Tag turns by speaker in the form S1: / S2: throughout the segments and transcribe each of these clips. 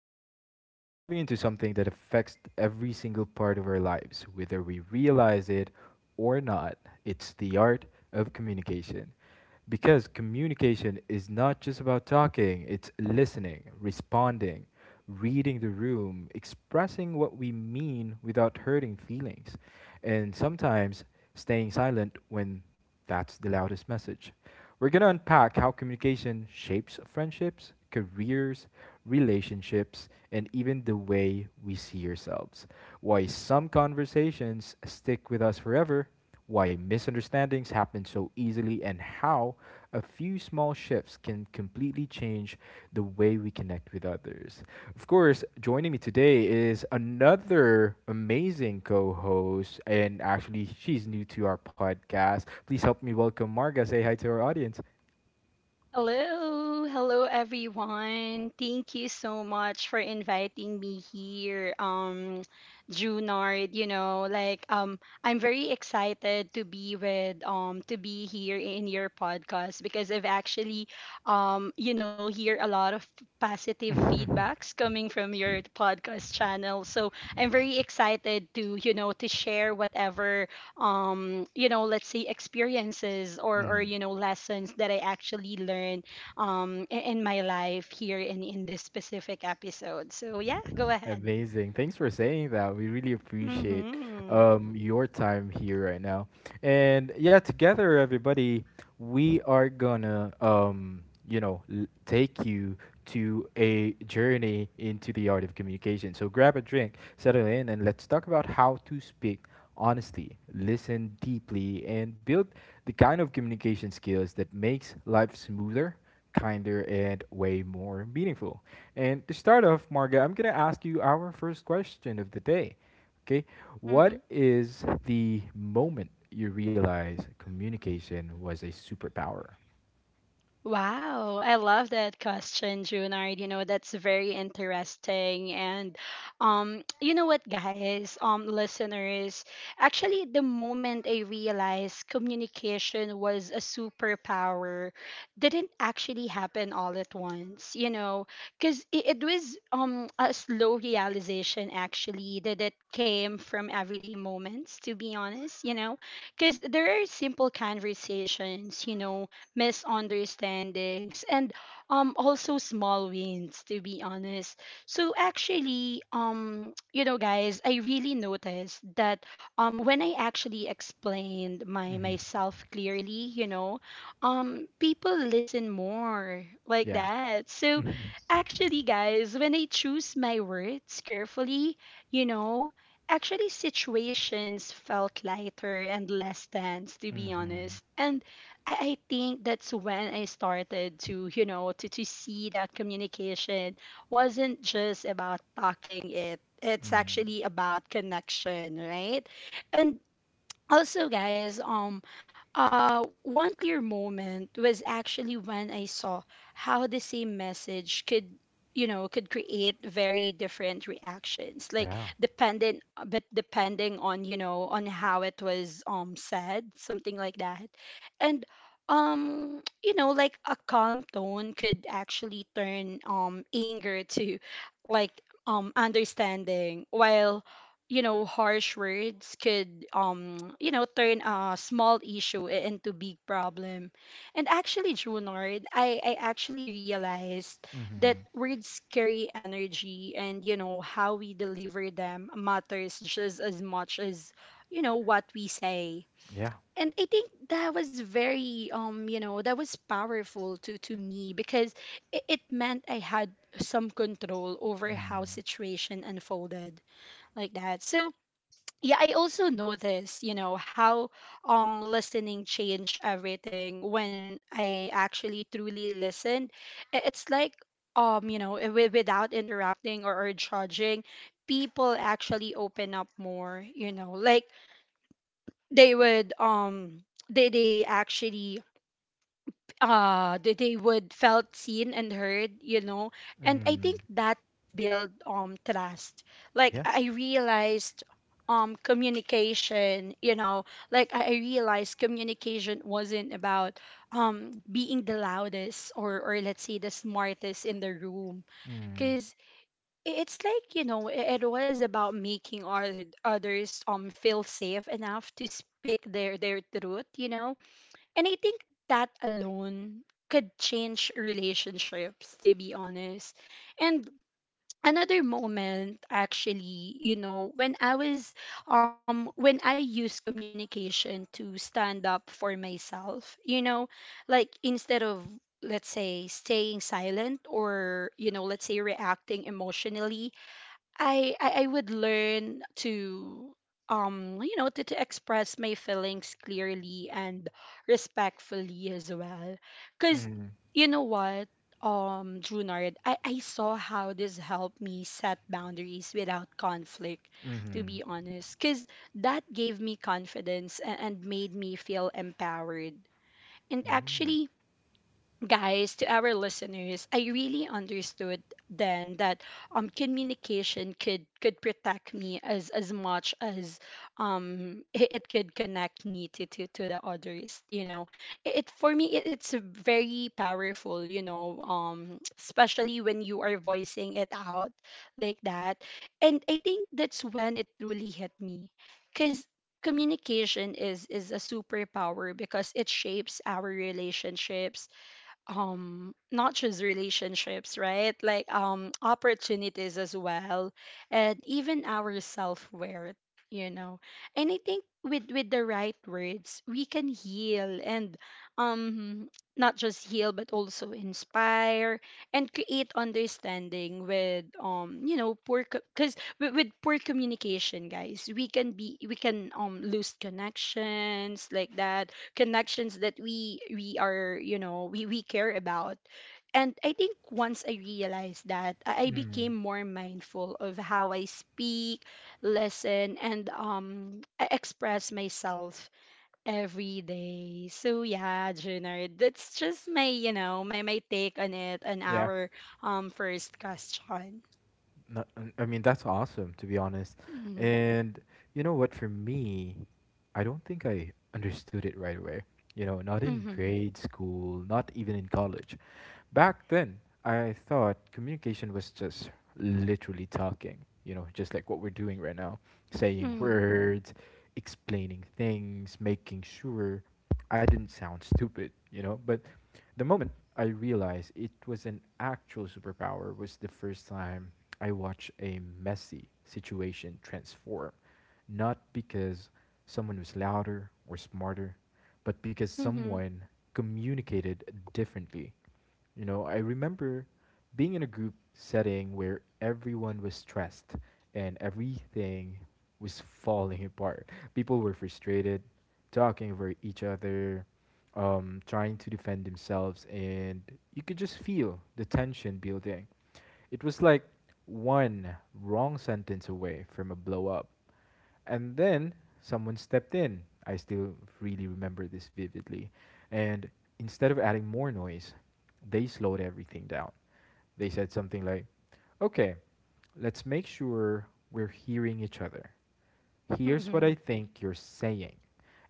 S1: today we're diving into something that affects every single part of our lives, whether we realize it or not. It's the art of communication. Because communication is not just about talking, it's listening, responding, reading the room, expressing what we mean without hurting feelings. And sometimes staying silent when that's the loudest message. We're going to unpack how communication shapes friendships, careers, relationships, and even the way we see ourselves. Why some conversations stick with us forever, why misunderstandings happen so easily, and how a few small shifts can completely change the way we connect with others. Of course, joining me today is another amazing co host, and actually, she's new to our podcast. Please help me welcome Marga. Say hi to our audience.
S2: Hello, hello everyone. Thank you so much for inviting me here. Junard, I'm very excited to be with to be here in your podcast because I've actually hear a lot of positive feedbacks coming from your podcast channel. So I'm very excited to, you know, to share whatever let's say experiences or you know lessons that I actually learned in my life here in this specific episode, so yeah, go ahead.
S1: Amazing. Thanks for saying that. We really appreciate
S2: mhm
S1: your time here right now. And yeah, together, everybody, we are gonna, take you to a journey into the art of communication. So grab a drink, settle in, and let's talk about how to speak honestly, listen deeply, and build the kind of communication skills that makes life smoother, kinder, and way more meaningful. And to start off, Marga, I'm going to ask you our first question of the day. Okay.
S2: mhm
S1: What is the moment you realize communication was a superpower?
S2: Wow, I love that question, Junard. You know, that's very interesting. And you know what, guys, listeners, actually the moment I realized communication was a superpower didn't actually happen all at once, you know, because it was a slow realization actually that it came from everyday moments, to be honest, you know, because there are simple conversations, you know, misunderstandings, and also small wins, to be honest. So actually, you know guys, I really noticed that when I actually explained my myself clearly, you know, people listen more, like
S1: Yeah.
S2: that. So
S1: Mhm.
S2: actually guys, when I choose my words carefully, you know, actually situations felt lighter and less tense, to be
S1: Mhm.
S2: honest. And I think that's when I started to, you know, to see that communication wasn't just about talking it. It's
S1: Mhm.
S2: actually about connection, right? And also guys, one clear moment was actually when I saw how the same message could, you know, could create very different reactions, like
S1: Yeah.
S2: dependent, but depending on, you know, on how it was said, something like that. And you know, like a calm tone could actually turn anger to like understanding, while you know harsh words could turn a small issue into big problem. And actually Junard, I actually realized that
S1: Mhm.
S2: words carry energy, and you know how we deliver them matters just as much as you know what we say.
S1: Yeah.
S2: And I think that was very that was powerful to me because it meant I had some control over how situation unfolded, like that. So yeah, I also notice you know how listening changed everything. When I actually truly listened, it's like you know without interrupting or judging, people actually open up more, you know, like they would they actually they would felt seen and heard, you know. And I think
S1: Mhm.
S2: that build trust. Like
S1: Yeah.
S2: I realized communication you know like I realized communication wasn't about being the loudest or let's say the smartest in the room,
S1: Mhm.
S2: because it's like you know it was about making others feel safe enough to speak their truth, you know. And I think that alone could change relationships, to be honest. And another moment actually, you know, when I was when I used communication to stand up for myself, you know, like instead of let's say staying silent or you know let's say reacting emotionally, I would learn to to express my feelings clearly and respectfully as well. Because
S1: Mm.
S2: you know what Junard, I saw how this helped me set boundaries without conflict,
S1: Mm-hmm.
S2: to be
S1: Mm.
S2: honest, because that gave me confidence and made me feel empowered. And actually guys, to our listeners, I really understood then that communication could protect me as much as it could connect me to to the others, you know. For me, it's very powerful, you know. Especially when you are voicing it out, like that. And I think that's when it truly hit me, because communication is a superpower because it shapes our relationships, not just relationships, right, like opportunities as well, and even our self-worth, you know. And I think with the right words we can heal and um not just heal but also inspire and create understanding. With you know poor Because with poor communication guys, we can be we can lose connections, like that. Connections that we are, you know, we care about. And I think once I realized that, I
S1: Mhm.
S2: became more mindful of how I speak, listen, and I express myself every day. So yeah Junard, that's just my you know my my take on it on
S1: Yeah.
S2: our first question.
S1: No, n- I mean that's awesome to be honest.
S2: mm-hmm.
S1: And you know what, for me, I don't think I understood it right away. You know, not in
S2: Mm-hmm.
S1: grade school, not even in college. Back then, I thought communication was just literally talking, you know, just like what we're doing right now, saying
S2: Mm-hmm.
S1: words, explaining things, making sure I didn't sound stupid, you know. But the moment I realized it was an actual superpower was the first time I watched a messy situation transform. Not because someone was louder or smarter, but because
S2: Mm-hmm.
S1: someone communicated differently. You know, I remember being in a group setting where everyone was stressed and everything was falling apart. People were frustrated, talking over each other, trying to defend themselves, and you could just feel the tension building. It was like one wrong sentence away from a blow up. And then someone stepped in. I still really remember this vividly. And instead of adding more noise, they slowed everything down. They said something like, okay, let's make sure we're hearing each other, here's what
S2: Mm-hmm.
S1: I think you're saying.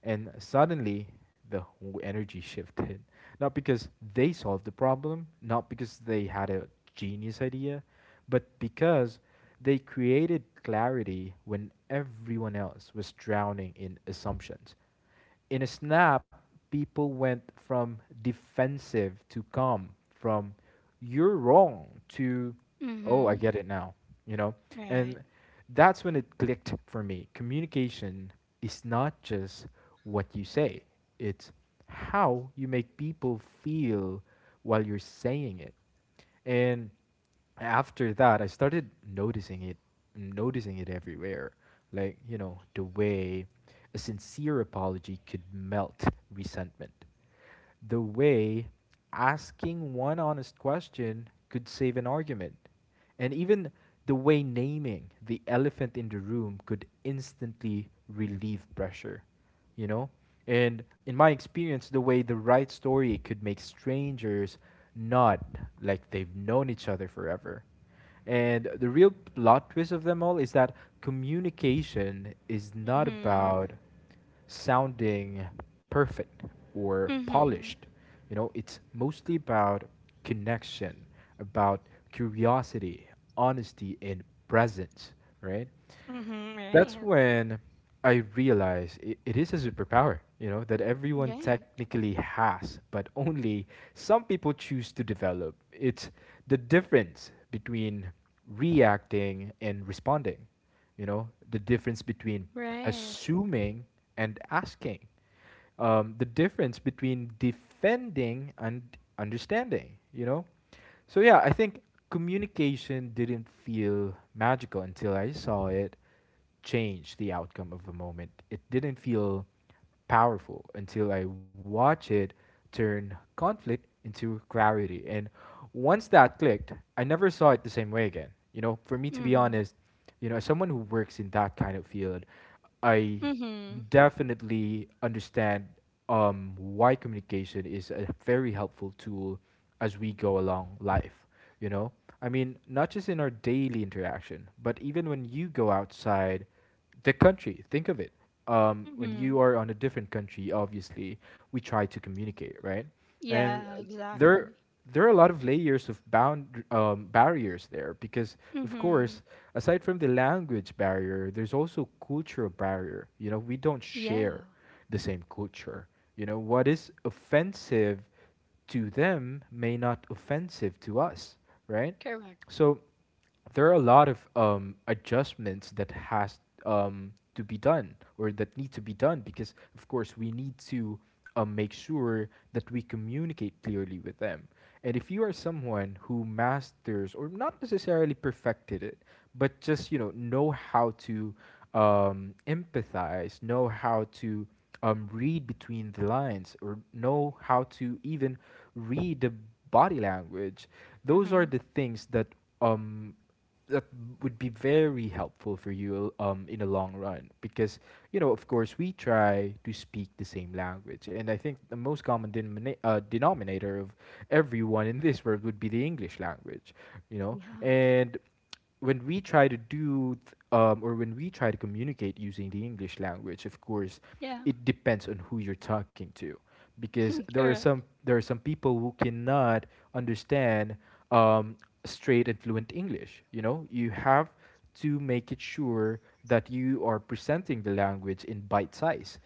S1: And suddenly, the whole energy shifted. Not because they solved the problem, not because they had a genius idea, but because they created clarity when everyone else was drowning in assumptions. In a snap, people went from defensive to calm, from you're wrong to oh, I
S2: Mm-hmm.
S1: get it now, you know?
S2: Right.
S1: And that's when it clicked for me. Communication is not just what you say, it's how you make people feel while you're saying it. And after that, I started noticing it everywhere. Like, you know, the way a sincere apology could melt resentment, the way asking one honest question could save an argument, and even the way naming the elephant in the room could instantly relieve pressure, you know? And in my experience, the way the right story could make strangers nod like they've known each other forever. And the real plot twist of them all is that communication is not
S2: mm-hmm.
S1: about sounding perfect or
S2: Mm-hmm.
S1: polished. You know, it's mostly about connection, about curiosity, honesty, and presence, right?
S2: Mm-hmm.
S1: That's
S2: Right.
S1: when I realize it, it is a superpower, you know, that everyone
S2: Right.
S1: technically has, but only some people choose to develop. It's the difference between reacting and responding, you know, the difference between
S2: Right.
S1: assuming and asking, the difference between defending and understanding, you know? So, yeah, I think communication didn't feel magical until I saw it change the outcome of a moment. It didn't feel powerful until I watch it turn conflict into clarity. And once that clicked, I never saw it the same way again. You know, for me to be
S2: Mhm.
S1: honest, you know, as someone who works in that kind of field, I
S2: Mhm.
S1: definitely understand why communication is a very helpful tool as we go along life. You know, I mean, not just in our daily interaction, but even when you go outside the country, think of it. When
S2: Mhm.
S1: you are on a different country, obviously, we try to communicate, right? And
S2: Yeah,
S1: there
S2: exactly.
S1: there are a lot of layers of bound barriers there because of
S2: Mhm.
S1: course aside from the language barrier there's also cultural barrier, you know, we don't
S2: Yeah.
S1: share the same culture. You know what is offensive to them may not offensive to us, right?
S2: Correct.
S1: So there are a lot of adjustments that has to be done or that need to be done because of course we need to make sure that we communicate clearly with them. And if you are someone who masters or not necessarily perfected it, but just, you know how to empathize, know how to read between the lines or know how to even read the body language, those are
S2: Mhm.
S1: the things that um that would be very helpful for you in the long run because, you know, of course we try to speak the same language. And I think the most common denominator of everyone in this world would be the English language, you know?
S2: Yeah.
S1: And when we try to or when we try to communicate using the English language, of course,
S2: Yeah.
S1: it depends on who you're talking to, because there are
S2: Correct.
S1: some there are some people who cannot understand um, straight and fluent English. You know, you have to make it sure that you are presenting the language in bite size,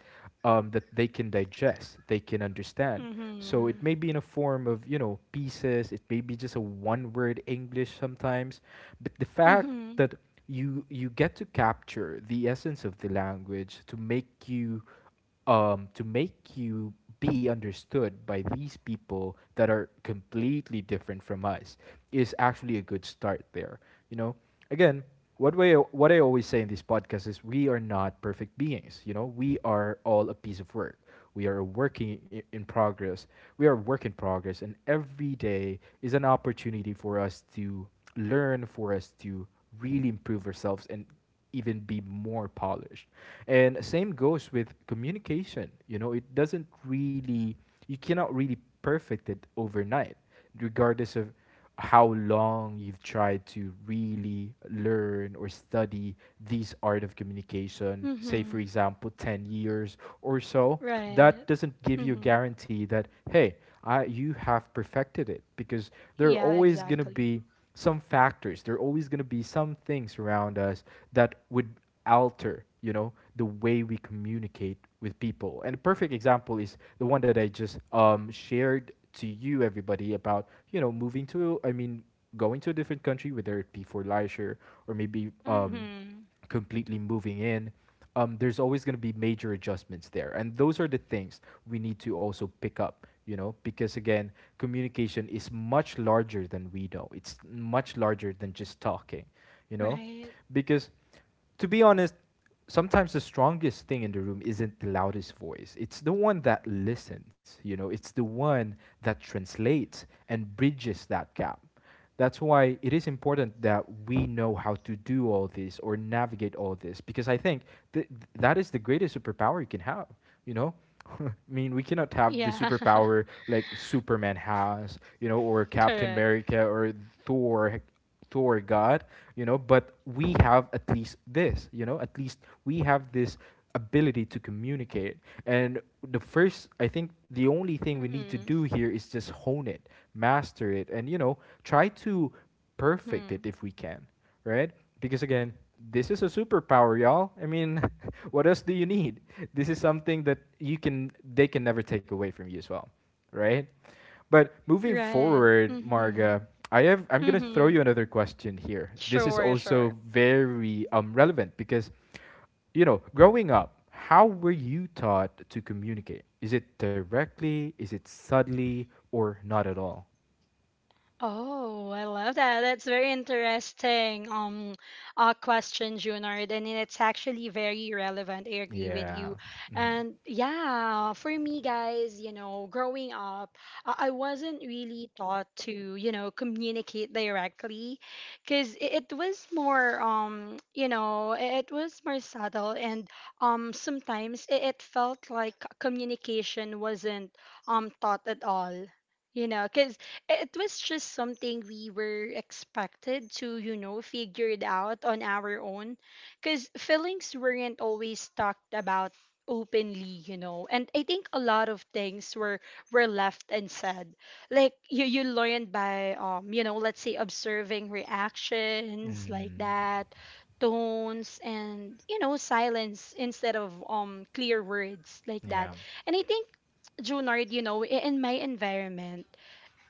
S1: that they can digest, they can understand. So it
S2: Mhm.
S1: may be in a form of, you know, pieces, it may be just a one word English sometimes, but the fact
S2: Mhm.
S1: that you get to capture the essence of the language to make you be understood by these people that are completely different from us is actually a good start there, you know? Again, what I always say in these podcasts is we are not perfect beings. You know, we are all a piece of work. we are working i- in progress we are a work in progress, and every day is an opportunity for us to learn, for us to really improve ourselves and even be more polished. And same goes with communication. You know, it doesn't really, you cannot really perfect it overnight, regardless of how long you've tried to really learn or study these art of communication, say for
S2: Mhm.
S1: example 10 years or so.
S2: Right.
S1: That doesn't give you a
S2: Mhm.
S1: guarantee that, hey, you have perfected it, because there are
S2: Yeah,
S1: always going to
S2: exactly.
S1: be some factors. There are always going to be some things around us that would alter, you know, the way we communicate with people. And a perfect example is the one that I just shared to you, everybody, about, you know, moving to, I mean, going to a different country, whether it be for leisure or maybe
S2: Mhm.
S1: completely moving in, there's always going to be major adjustments there. And those are the things we need to also pick up, you know, because again, communication is much larger than we know. It's much larger than just talking, you know,
S2: Right.
S1: because to be honest, sometimes the strongest thing in the room isn't the loudest voice. It's the one that listens, you know, it's the one that translates and bridges that gap. That's why it is important that we know how to do all this or navigate all this, because I think th- that is the greatest superpower you can have, you know? I mean, we cannot have the
S2: Yeah.
S1: superpower like Superman has, you know, or Captain
S2: Correct.
S1: America or Thor toward God, you know, but we have at least this, you know, at least we have this ability to communicate. And the first, I think the only thing we need to
S2: Mhm.
S1: do here is just hone it, master it, and, you know, try to perfect it
S2: Mhm.
S1: if we can, right? Because again, this is a superpower, y'all. I mean, what else do you need? This is something that you can they can never take away from you as well, right? But moving
S2: Right.
S1: forward,
S2: Mhm.
S1: Marga, I'm gonna throw
S2: Mhm.
S1: you another question here. This is
S2: Sure, sure.
S1: also very relevant because, you know, growing up, how were you taught to communicate? Is it directly? Is it subtly? Or not at all?
S2: Oh, I love that. That's very interesting question, Junard. And it's actually very relevant. I agree with you.
S1: Yeah. Mm-hmm.
S2: And yeah, for me, guys, you know, growing up, I wasn't really taught to, you know, communicate directly because it was more, you know, it was more subtle. And sometimes it felt like communication wasn't taught at all, you know, because it was just something we were expected to, you know, figure it out on our own. Because feelings weren't always talked about openly, you know. And I think a lot of things were left unsaid. Like you learned by you know, let's say observing reactions like
S1: Mm,
S2: that, tones and you know, silence instead of clear words, like
S1: yeah.
S2: that. And I think Junard, you know, in my environment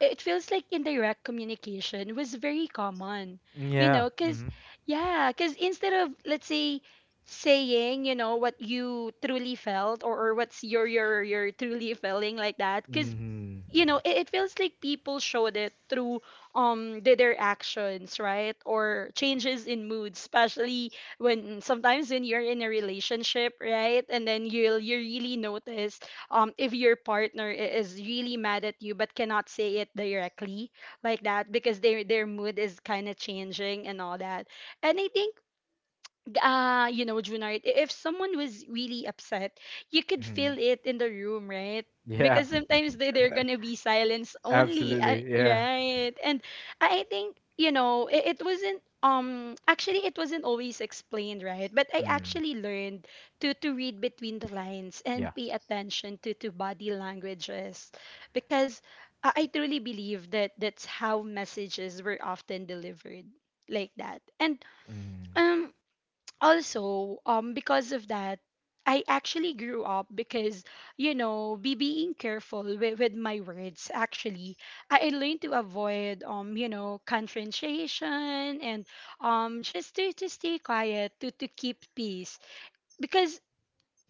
S2: it feels like indirect communication was very common, you
S1: Yeah.
S2: know, because
S1: Mm-hmm.
S2: yeah, because instead of let's say saying you know what you truly felt, or what's your your truly feeling like that. Because
S1: Mm-hmm.
S2: you know it feels like people showed it through their actions, right, or changes in mood, especially when sometimes when you're in a relationship, right, and then you'll you really notice if your partner is really mad at you but cannot say it directly, like that, because their mood is kind of changing and all that. And I think you know Junard, if someone was really upset you could
S1: Mm-hmm.
S2: feel it in the room, right,
S1: Yeah,
S2: because sometimes they're gonna be silence only
S1: absolutely. Yeah.
S2: right. And I think, you know, it wasn't actually it wasn't always explained right, but I actually learned to read between the lines and
S1: Yeah.
S2: pay attention to body languages, because I truly believe that that's how messages were often delivered, like that. And
S1: Mm.
S2: um also because of that I actually grew up, because you know be being careful with my words, actually I learned to avoid confrontation and just to stay quiet to keep peace, because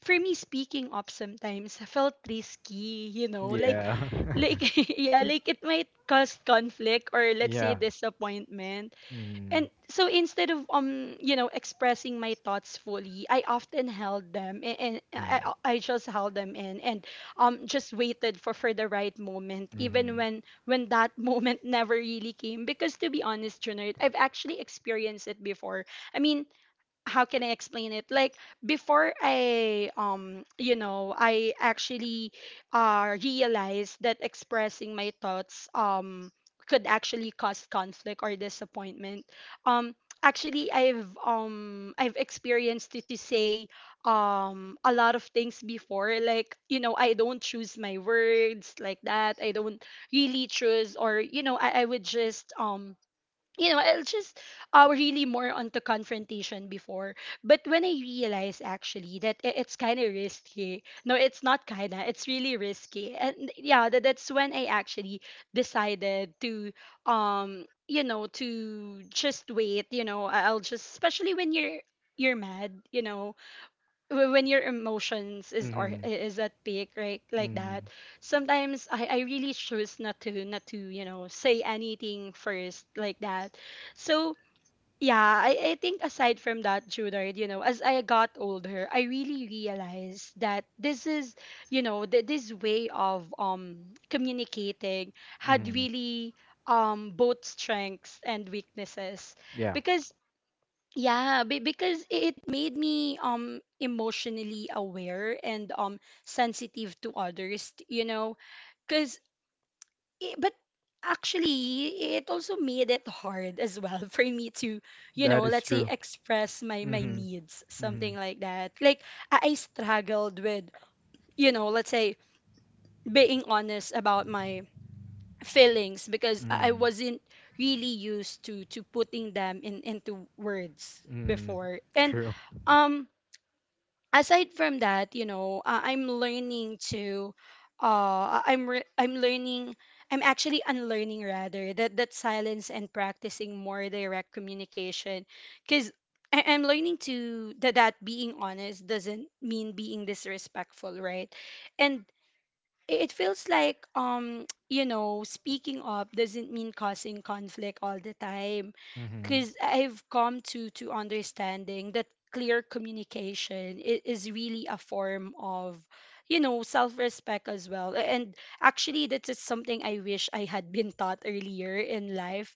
S2: for me speaking up sometimes felt risky, you know,
S1: Yeah.
S2: like yeah like it might cause conflict or let's say
S1: Yeah.
S2: disappointment.
S1: Mm.
S2: And so instead of expressing my thoughts fully, I often held them a- and I,
S1: Mm.
S2: I I just held them in, and just waited for the right moment, even
S1: Mm-hmm.
S2: when that moment never really came. Because to be honest, Junard, I've actually experienced it before. I mean, how can I explain it? Like before I I actually realized that expressing my thoughts could actually cause conflict or disappointment. Um Actually I've experienced it to say a lot of things before, like you know I don't choose my words like that. I don't really choose or you know I would just I'll just really more onto confrontation before. But when I realized actually that it's kind of risky. No, it's not kind of. It's really risky. And yeah, that's when I actually decided to to just wait. You know, I'll just especially when you're mad. You know, when your emotions is or
S1: Mm-hmm.
S2: is at peak right like
S1: Mm-hmm.
S2: that, sometimes I really choose not to you know say anything first, like that. So yeah, I think aside from that Judard, you know as I got older I really realized that this is you know this way of communicating had
S1: Mm-hmm.
S2: really both strengths and weaknesses,
S1: Yeah.
S2: because yeah, because it made me emotionally aware and sensitive to others, you know, cuz but actually it also made it hard as well for me to, you
S1: That
S2: know,
S1: is
S2: let's say
S1: true.
S2: express my
S1: Mm-hmm.
S2: needs,
S1: Mm-hmm.
S2: something like that. Like I struggled with, you know, let's say being honest about my feelings because I
S1: Mm-hmm.
S2: wasn't really used to putting them in into words
S1: Mm-hmm.
S2: before. And
S1: True.
S2: um aside from that, you know, I'm learning to, I'm I'm actually unlearning rather that silence and practicing more direct communication, because I'm learning to that being honest doesn't mean being disrespectful, right? And it feels like you know speaking up doesn't mean causing conflict all the time
S1: Mm-hmm.
S2: because I've come to understanding that clear communication is really a form of, you know, self-respect as well. And actually that is something I wish I had been taught earlier in life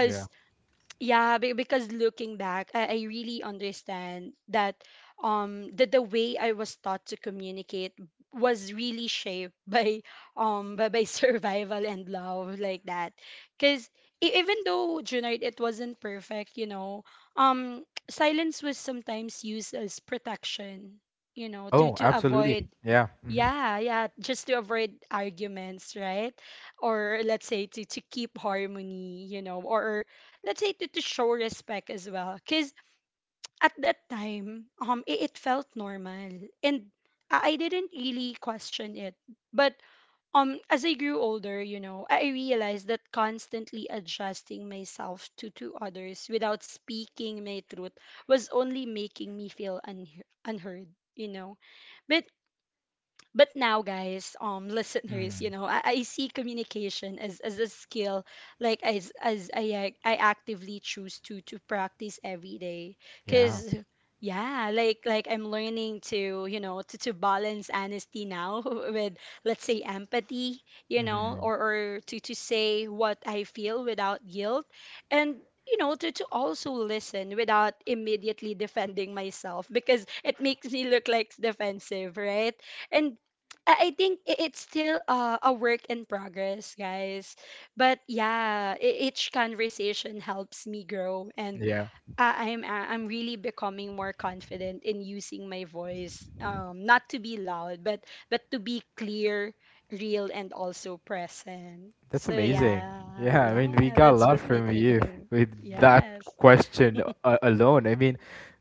S1: Yeah.
S2: yeah, because looking back, I really understand that that the way I was taught to communicate was really shaped by by survival and love, like that, because even though, Junard, it wasn't perfect, you know, silence was sometimes used as protection, you know, to
S1: Oh,
S2: to avoid,
S1: absolutely. Yeah. Mm-hmm.
S2: yeah, yeah, just to avoid arguments, right? Or let's say to keep harmony, you know, or let's say to show respect as well. Cause at that time, it felt normal, and I didn't really question it. But as I grew older, you know, I realized that constantly adjusting myself to others without speaking my truth was only making me feel un unheard, you know. But but now, guys,
S1: Mm.
S2: listeners, you know, I see communication as a skill, like as I actively choose to practice every day
S1: Yeah.
S2: because, yeah, like I'm learning to, you know, to balance honesty now with, let's say, empathy, you know, or to say what I feel without guilt. And you know, to also listen without immediately defending myself because it makes me look like defensive, right? And I think it's still a work in progress, guys. But yeah, each conversation helps me grow, and
S1: Yeah.
S2: I'm really becoming more confident in using my voice, not to be loud, but to be clear, real, and also present.
S1: That's
S2: So
S1: amazing.
S2: yeah,
S1: Yeah, I mean, we
S2: yeah,
S1: got a
S2: that's
S1: lot
S2: just my
S1: from you
S2: thing.
S1: with that
S2: Yes,
S1: question alone. I mean,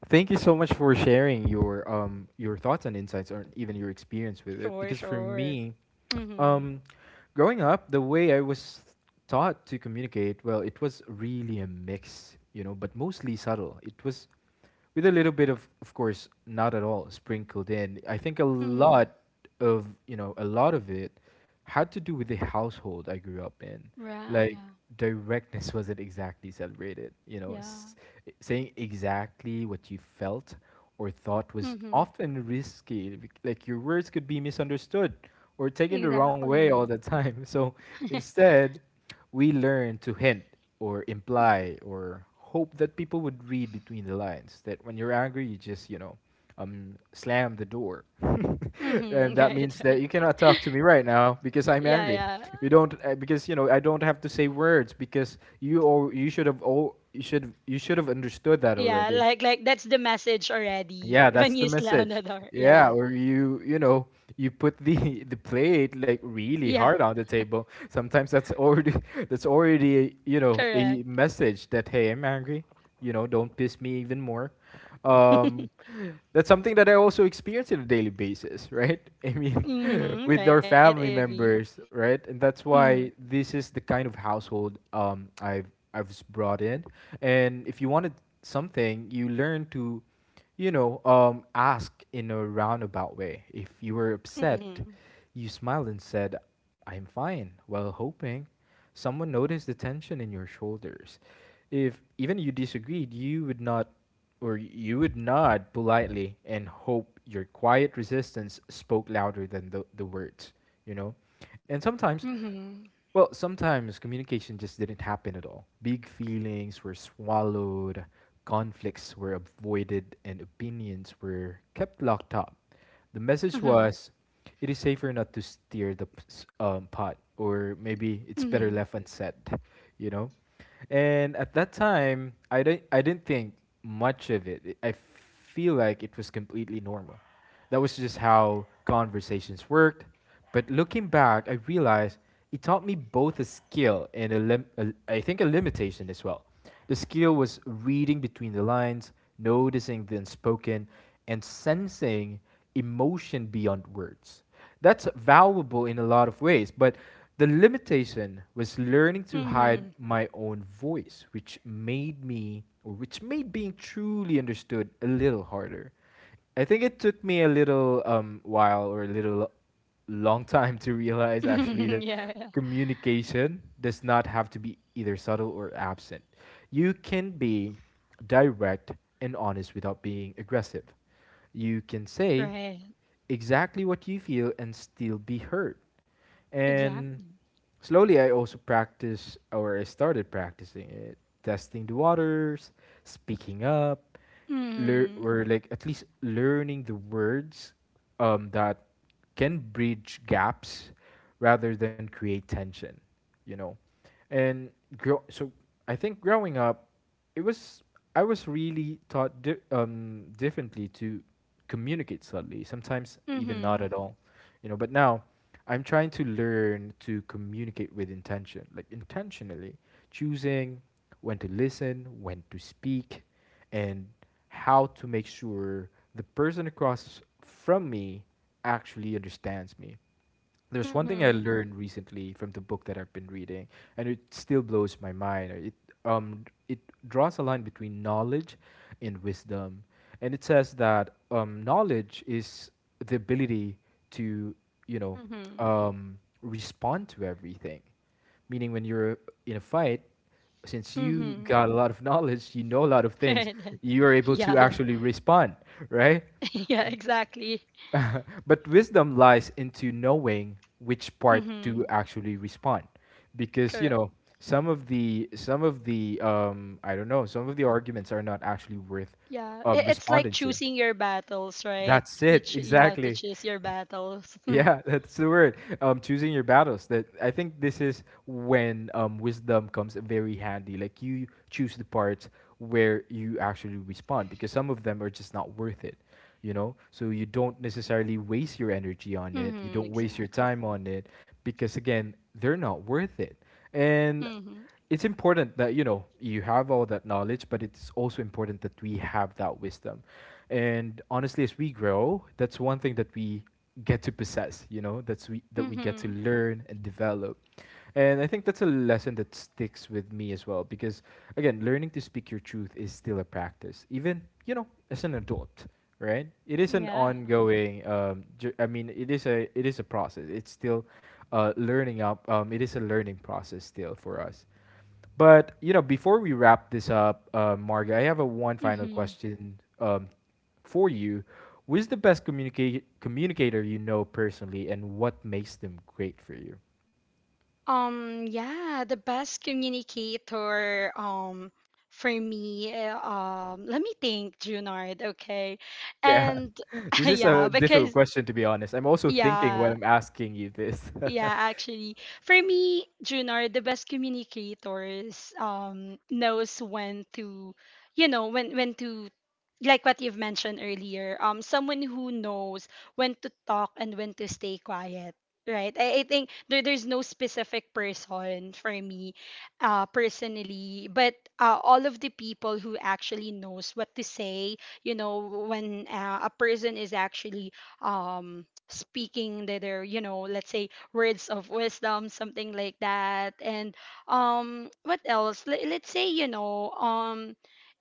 S1: thank you so much for sharing your thoughts and insights or even your experience with it
S2: sure,
S1: because for
S2: sure.
S1: me,
S2: Mhm.
S1: um growing up, the way I was taught to communicate, well, it was really a mix, but mostly subtle. It was with a little bit of course not at all sprinkled in. I think a
S2: Mhm.
S1: lot of a lot of it had to do with the household I grew up in.
S2: Right.
S1: Like
S2: Yeah.
S1: directness wasn't exactly celebrated,
S2: Yeah.
S1: saying exactly what you felt or thought was
S2: Mhm.
S1: often risky, like your words could be misunderstood or taken the wrong way all
S2: Exactly.
S1: the time. So instead we learn to hint or imply or hope that people would read between the lines. That when you're angry, you just, slam the door. And
S2: Mm-hmm.
S1: that
S2: Right,
S1: means that
S2: right.
S1: you cannot talk to me right now because I'm
S2: Yeah,
S1: angry.
S2: yeah.
S1: You don't because I don't have to say words because you all you should have all you should have understood that
S2: Yeah,
S1: already.
S2: like that's the message already
S1: Yeah,
S2: when
S1: that's the
S2: you slam on the
S1: message.
S2: door.
S1: Yeah,
S2: Yeah.
S1: or you know you put the the plate like really
S2: Yeah,
S1: hard on the table. Sometimes that's already that's already you know
S2: correct.
S1: a message that hey, I'm angry. You know, don't piss me even more. Um, that's something that I also experience on a daily basis, right? I mean,
S2: Mm-hmm.
S1: with
S2: Right,
S1: our
S2: I
S1: family
S2: agree.
S1: members, right? And that's
S2: Mm-hmm.
S1: why this is the kind of household brought in. And if you wanted something, you learn to ask in a roundabout way. If you were upset,
S2: Mm-hmm.
S1: you smiled and said, I'm fine, while hoping someone noticed the tension in your shoulders. If even you disagreed, you would not, or you would nod politely and hope your quiet resistance spoke louder than the words, you know? And sometimes
S2: Mm-hmm.
S1: sometimes communication just didn't happen at all. Big feelings were swallowed, conflicts were avoided, and opinions were kept locked up. The message
S2: Mm-hmm.
S1: was it is safer not to steer the pot, or maybe it's better
S2: Mm-hmm.
S1: left unsaid, you know? And at that time, I didn't think much of it. I feel like it was completely normal. That was just how conversations worked, but looking back, I realized it taught me both a skill and a I think a limitation as well. The skill was reading between the lines, noticing the unspoken, and sensing emotion beyond words. That's valuable in a lot of ways, but the limitation was learning to hide
S2: Mm-hmm.
S1: my own voice, which made me, or which made being truly understood a little harder. I think it took me a little while or a little long time to realize actually that
S2: Yeah, yeah.
S1: communication does not have to be either subtle or absent. You can be direct and honest without being aggressive. You can say
S2: Right.
S1: exactly what you feel and still be heard. And
S2: Exactly.
S1: slowly, I also practiced, or I started practicing it, testing the waters, speaking up, lear-
S2: Mm-hmm.
S1: or like at least learning the words that can bridge gaps rather than create tension, you know. And grow so I think growing up, it was I was really taught differently to communicate subtly. Sometimes even not
S2: Mm-hmm.
S1: at all, you know. But now, I'm trying to learn to communicate with intention, like intentionally choosing when to listen, when to speak, and how to make sure the person across from me actually understands me. There's one thing I
S2: Mm-hmm.
S1: learned recently from the book that I've been reading, and it still blows my mind. It um it draws a line between knowledge and wisdom, and it says that knowledge is the ability to you know
S2: Mm-hmm.
S1: respond to everything, meaning when you're in a fight, since you
S2: Mm-hmm.
S1: got a lot of knowledge, you know a lot of things, you are able
S2: Yeah,
S1: to
S2: yeah.
S1: actually respond, right?
S2: Yeah, exactly.
S1: But wisdom lies into knowing which part
S2: Mm-hmm.
S1: to actually respond, because you
S2: Correct.
S1: know some of the I don't know, some of the arguments are not actually worth
S2: Yeah, it, it's like
S1: responding to.
S2: choosing your battles, right?
S1: That's
S2: You
S1: it.
S2: you have to
S1: Exactly,
S2: choose your battles.
S1: yeah. That's the word. Choosing your battles. That, I think, this is when wisdom comes very handy. Like you choose the parts where you actually respond because some of them are just not worth it. You know, so you don't necessarily waste your energy on it. You
S2: Mm-hmm,
S1: don't waste your
S2: exactly.
S1: time on it because again, they're not worth it. And
S2: Mm-hmm.
S1: it's important that you know you have all that knowledge, but it's also important that we have that wisdom. And honestly, as we grow, that's one thing that we get to possess, you know, that's we that we get to
S2: Mm-hmm.
S1: learn and develop. And I think that's a lesson that sticks with me as well because again, learning to speak your truth is still a practice, even, you know, as an adult, right? It is an
S2: Yeah.
S1: ongoing I mean, it is a process. It's still learning up. It is a learning process still for us. But, you know, before we wrap this up, Marga, I have a one final
S2: Mm-hmm.
S1: question for you, who's the best communicator you know personally, and what makes them great for you?
S2: Yeah. The best communicator. For me. Let me think, Junard. Okay.
S1: Yeah,
S2: And
S1: this is
S2: yeah,
S1: a difficult
S2: because
S1: question, to be honest. I'm also thinking when
S2: yeah.
S1: I'm asking you this.
S2: Yeah, actually, for me, Junior, the best communicators knows when to, you know, when to, like what you've mentioned earlier, someone who knows when to talk and when to stay quiet, right? I think there's no specific person for me, personally, but all of the people who actually knows what to say, you know, when a person is actually speaking that they're, you know, let's say, words of wisdom, something like that. And what else? Let's say, you know, um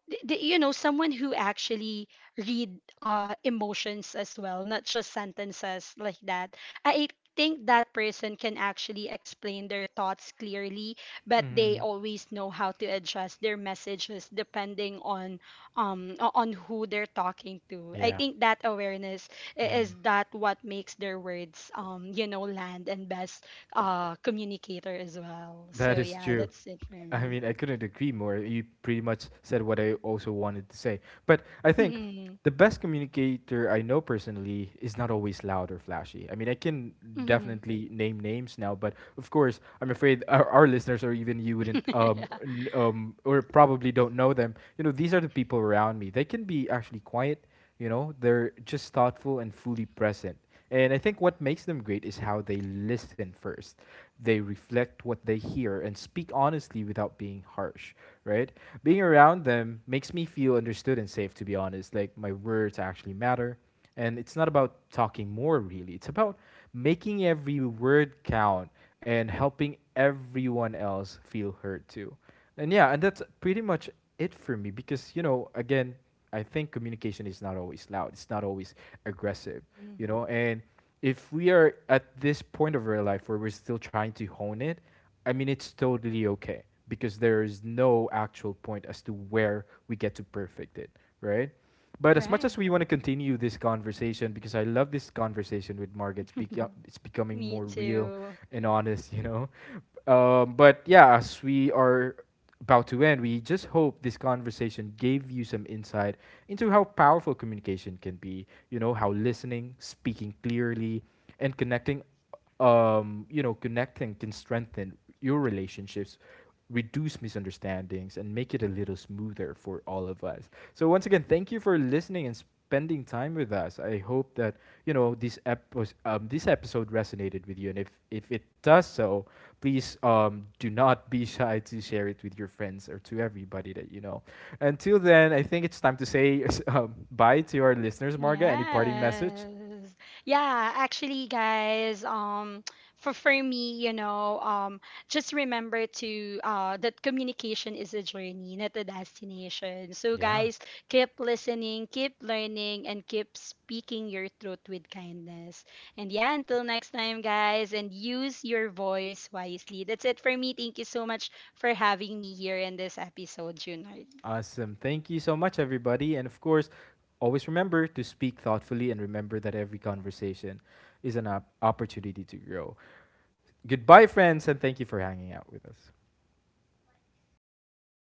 S2: th- th- you know, someone who actually read emotions as well, not just sentences, like that. I think that person can actually explain their thoughts clearly, but they
S1: Hmm.
S2: always know how to adjust their messages depending on on who they're talking to. I
S1: Yeah.
S2: think that awareness is that what makes their words, um, you know, land and best communicator as well.
S1: That
S2: So
S1: is
S2: yeah,
S1: true.
S2: that's it for
S1: I
S2: me.
S1: mean, I couldn't agree more. You pretty much said what I also wanted to say. But I think
S2: Mm-hmm.
S1: the best communicator I know personally is not always loud or flashy. I mean, I can
S2: Mm-hmm.
S1: definitely name names now, but of course, I'm afraid our listeners or even you wouldn't or probably don't know them. You know, these are the people around me. They can be actually quiet, you know, they're just thoughtful and fully present. And I think what makes them great is how they listen first. They reflect what they hear and speak honestly without being harsh, right? Being around them makes me feel understood and safe, to be honest. Like my words actually matter. And it's not about talking more, really. It's about making every word count and helping everyone else feel heard too. And yeah, and that's pretty much it for me because, you know, again, I think communication is not always loud. It's not always aggressive,
S2: Mm.
S1: you know. And if we are at this point of our life where we're still trying to hone it, I mean it's totally okay because there is no actual point as to where we get to perfect it, right? But as much as we
S2: Right.
S1: want to continue this conversation, because I love this conversation with Margaret, it's becoming
S2: Me
S1: more real
S2: too.
S1: and honest. You know, but yeah, as we are about to end, we just hope this conversation gave you some insight into how powerful communication can be, you know, how listening, speaking clearly, and connecting, you know, connecting can strengthen your relationships, reduce misunderstandings, and make it a little smoother for all of us. So, once again, thank you for listening and spending time with us. I hope that, you know, this episode resonated with you. And if it does so, please do not be shy to share it with your friends or to everybody that you know. Until then, I think it's time to say bye to our listeners, Marga. Any parting message?
S2: Yes. Yeah, actually, guys, for me, you know, just remember to that communication is a journey, not a destination. So,
S1: Yeah.
S2: guys, keep listening, keep learning, and keep speaking your truth with kindness. And yeah, until next time, guys, and use your voice wisely. That's it for me. Thank you so much for having me here in this episode, Junard.
S1: Awesome. Thank you so much, everybody. And of course, always remember to speak thoughtfully and remember that every conversation is an opportunity to grow. Goodbye, friends, and thank you for hanging out with us.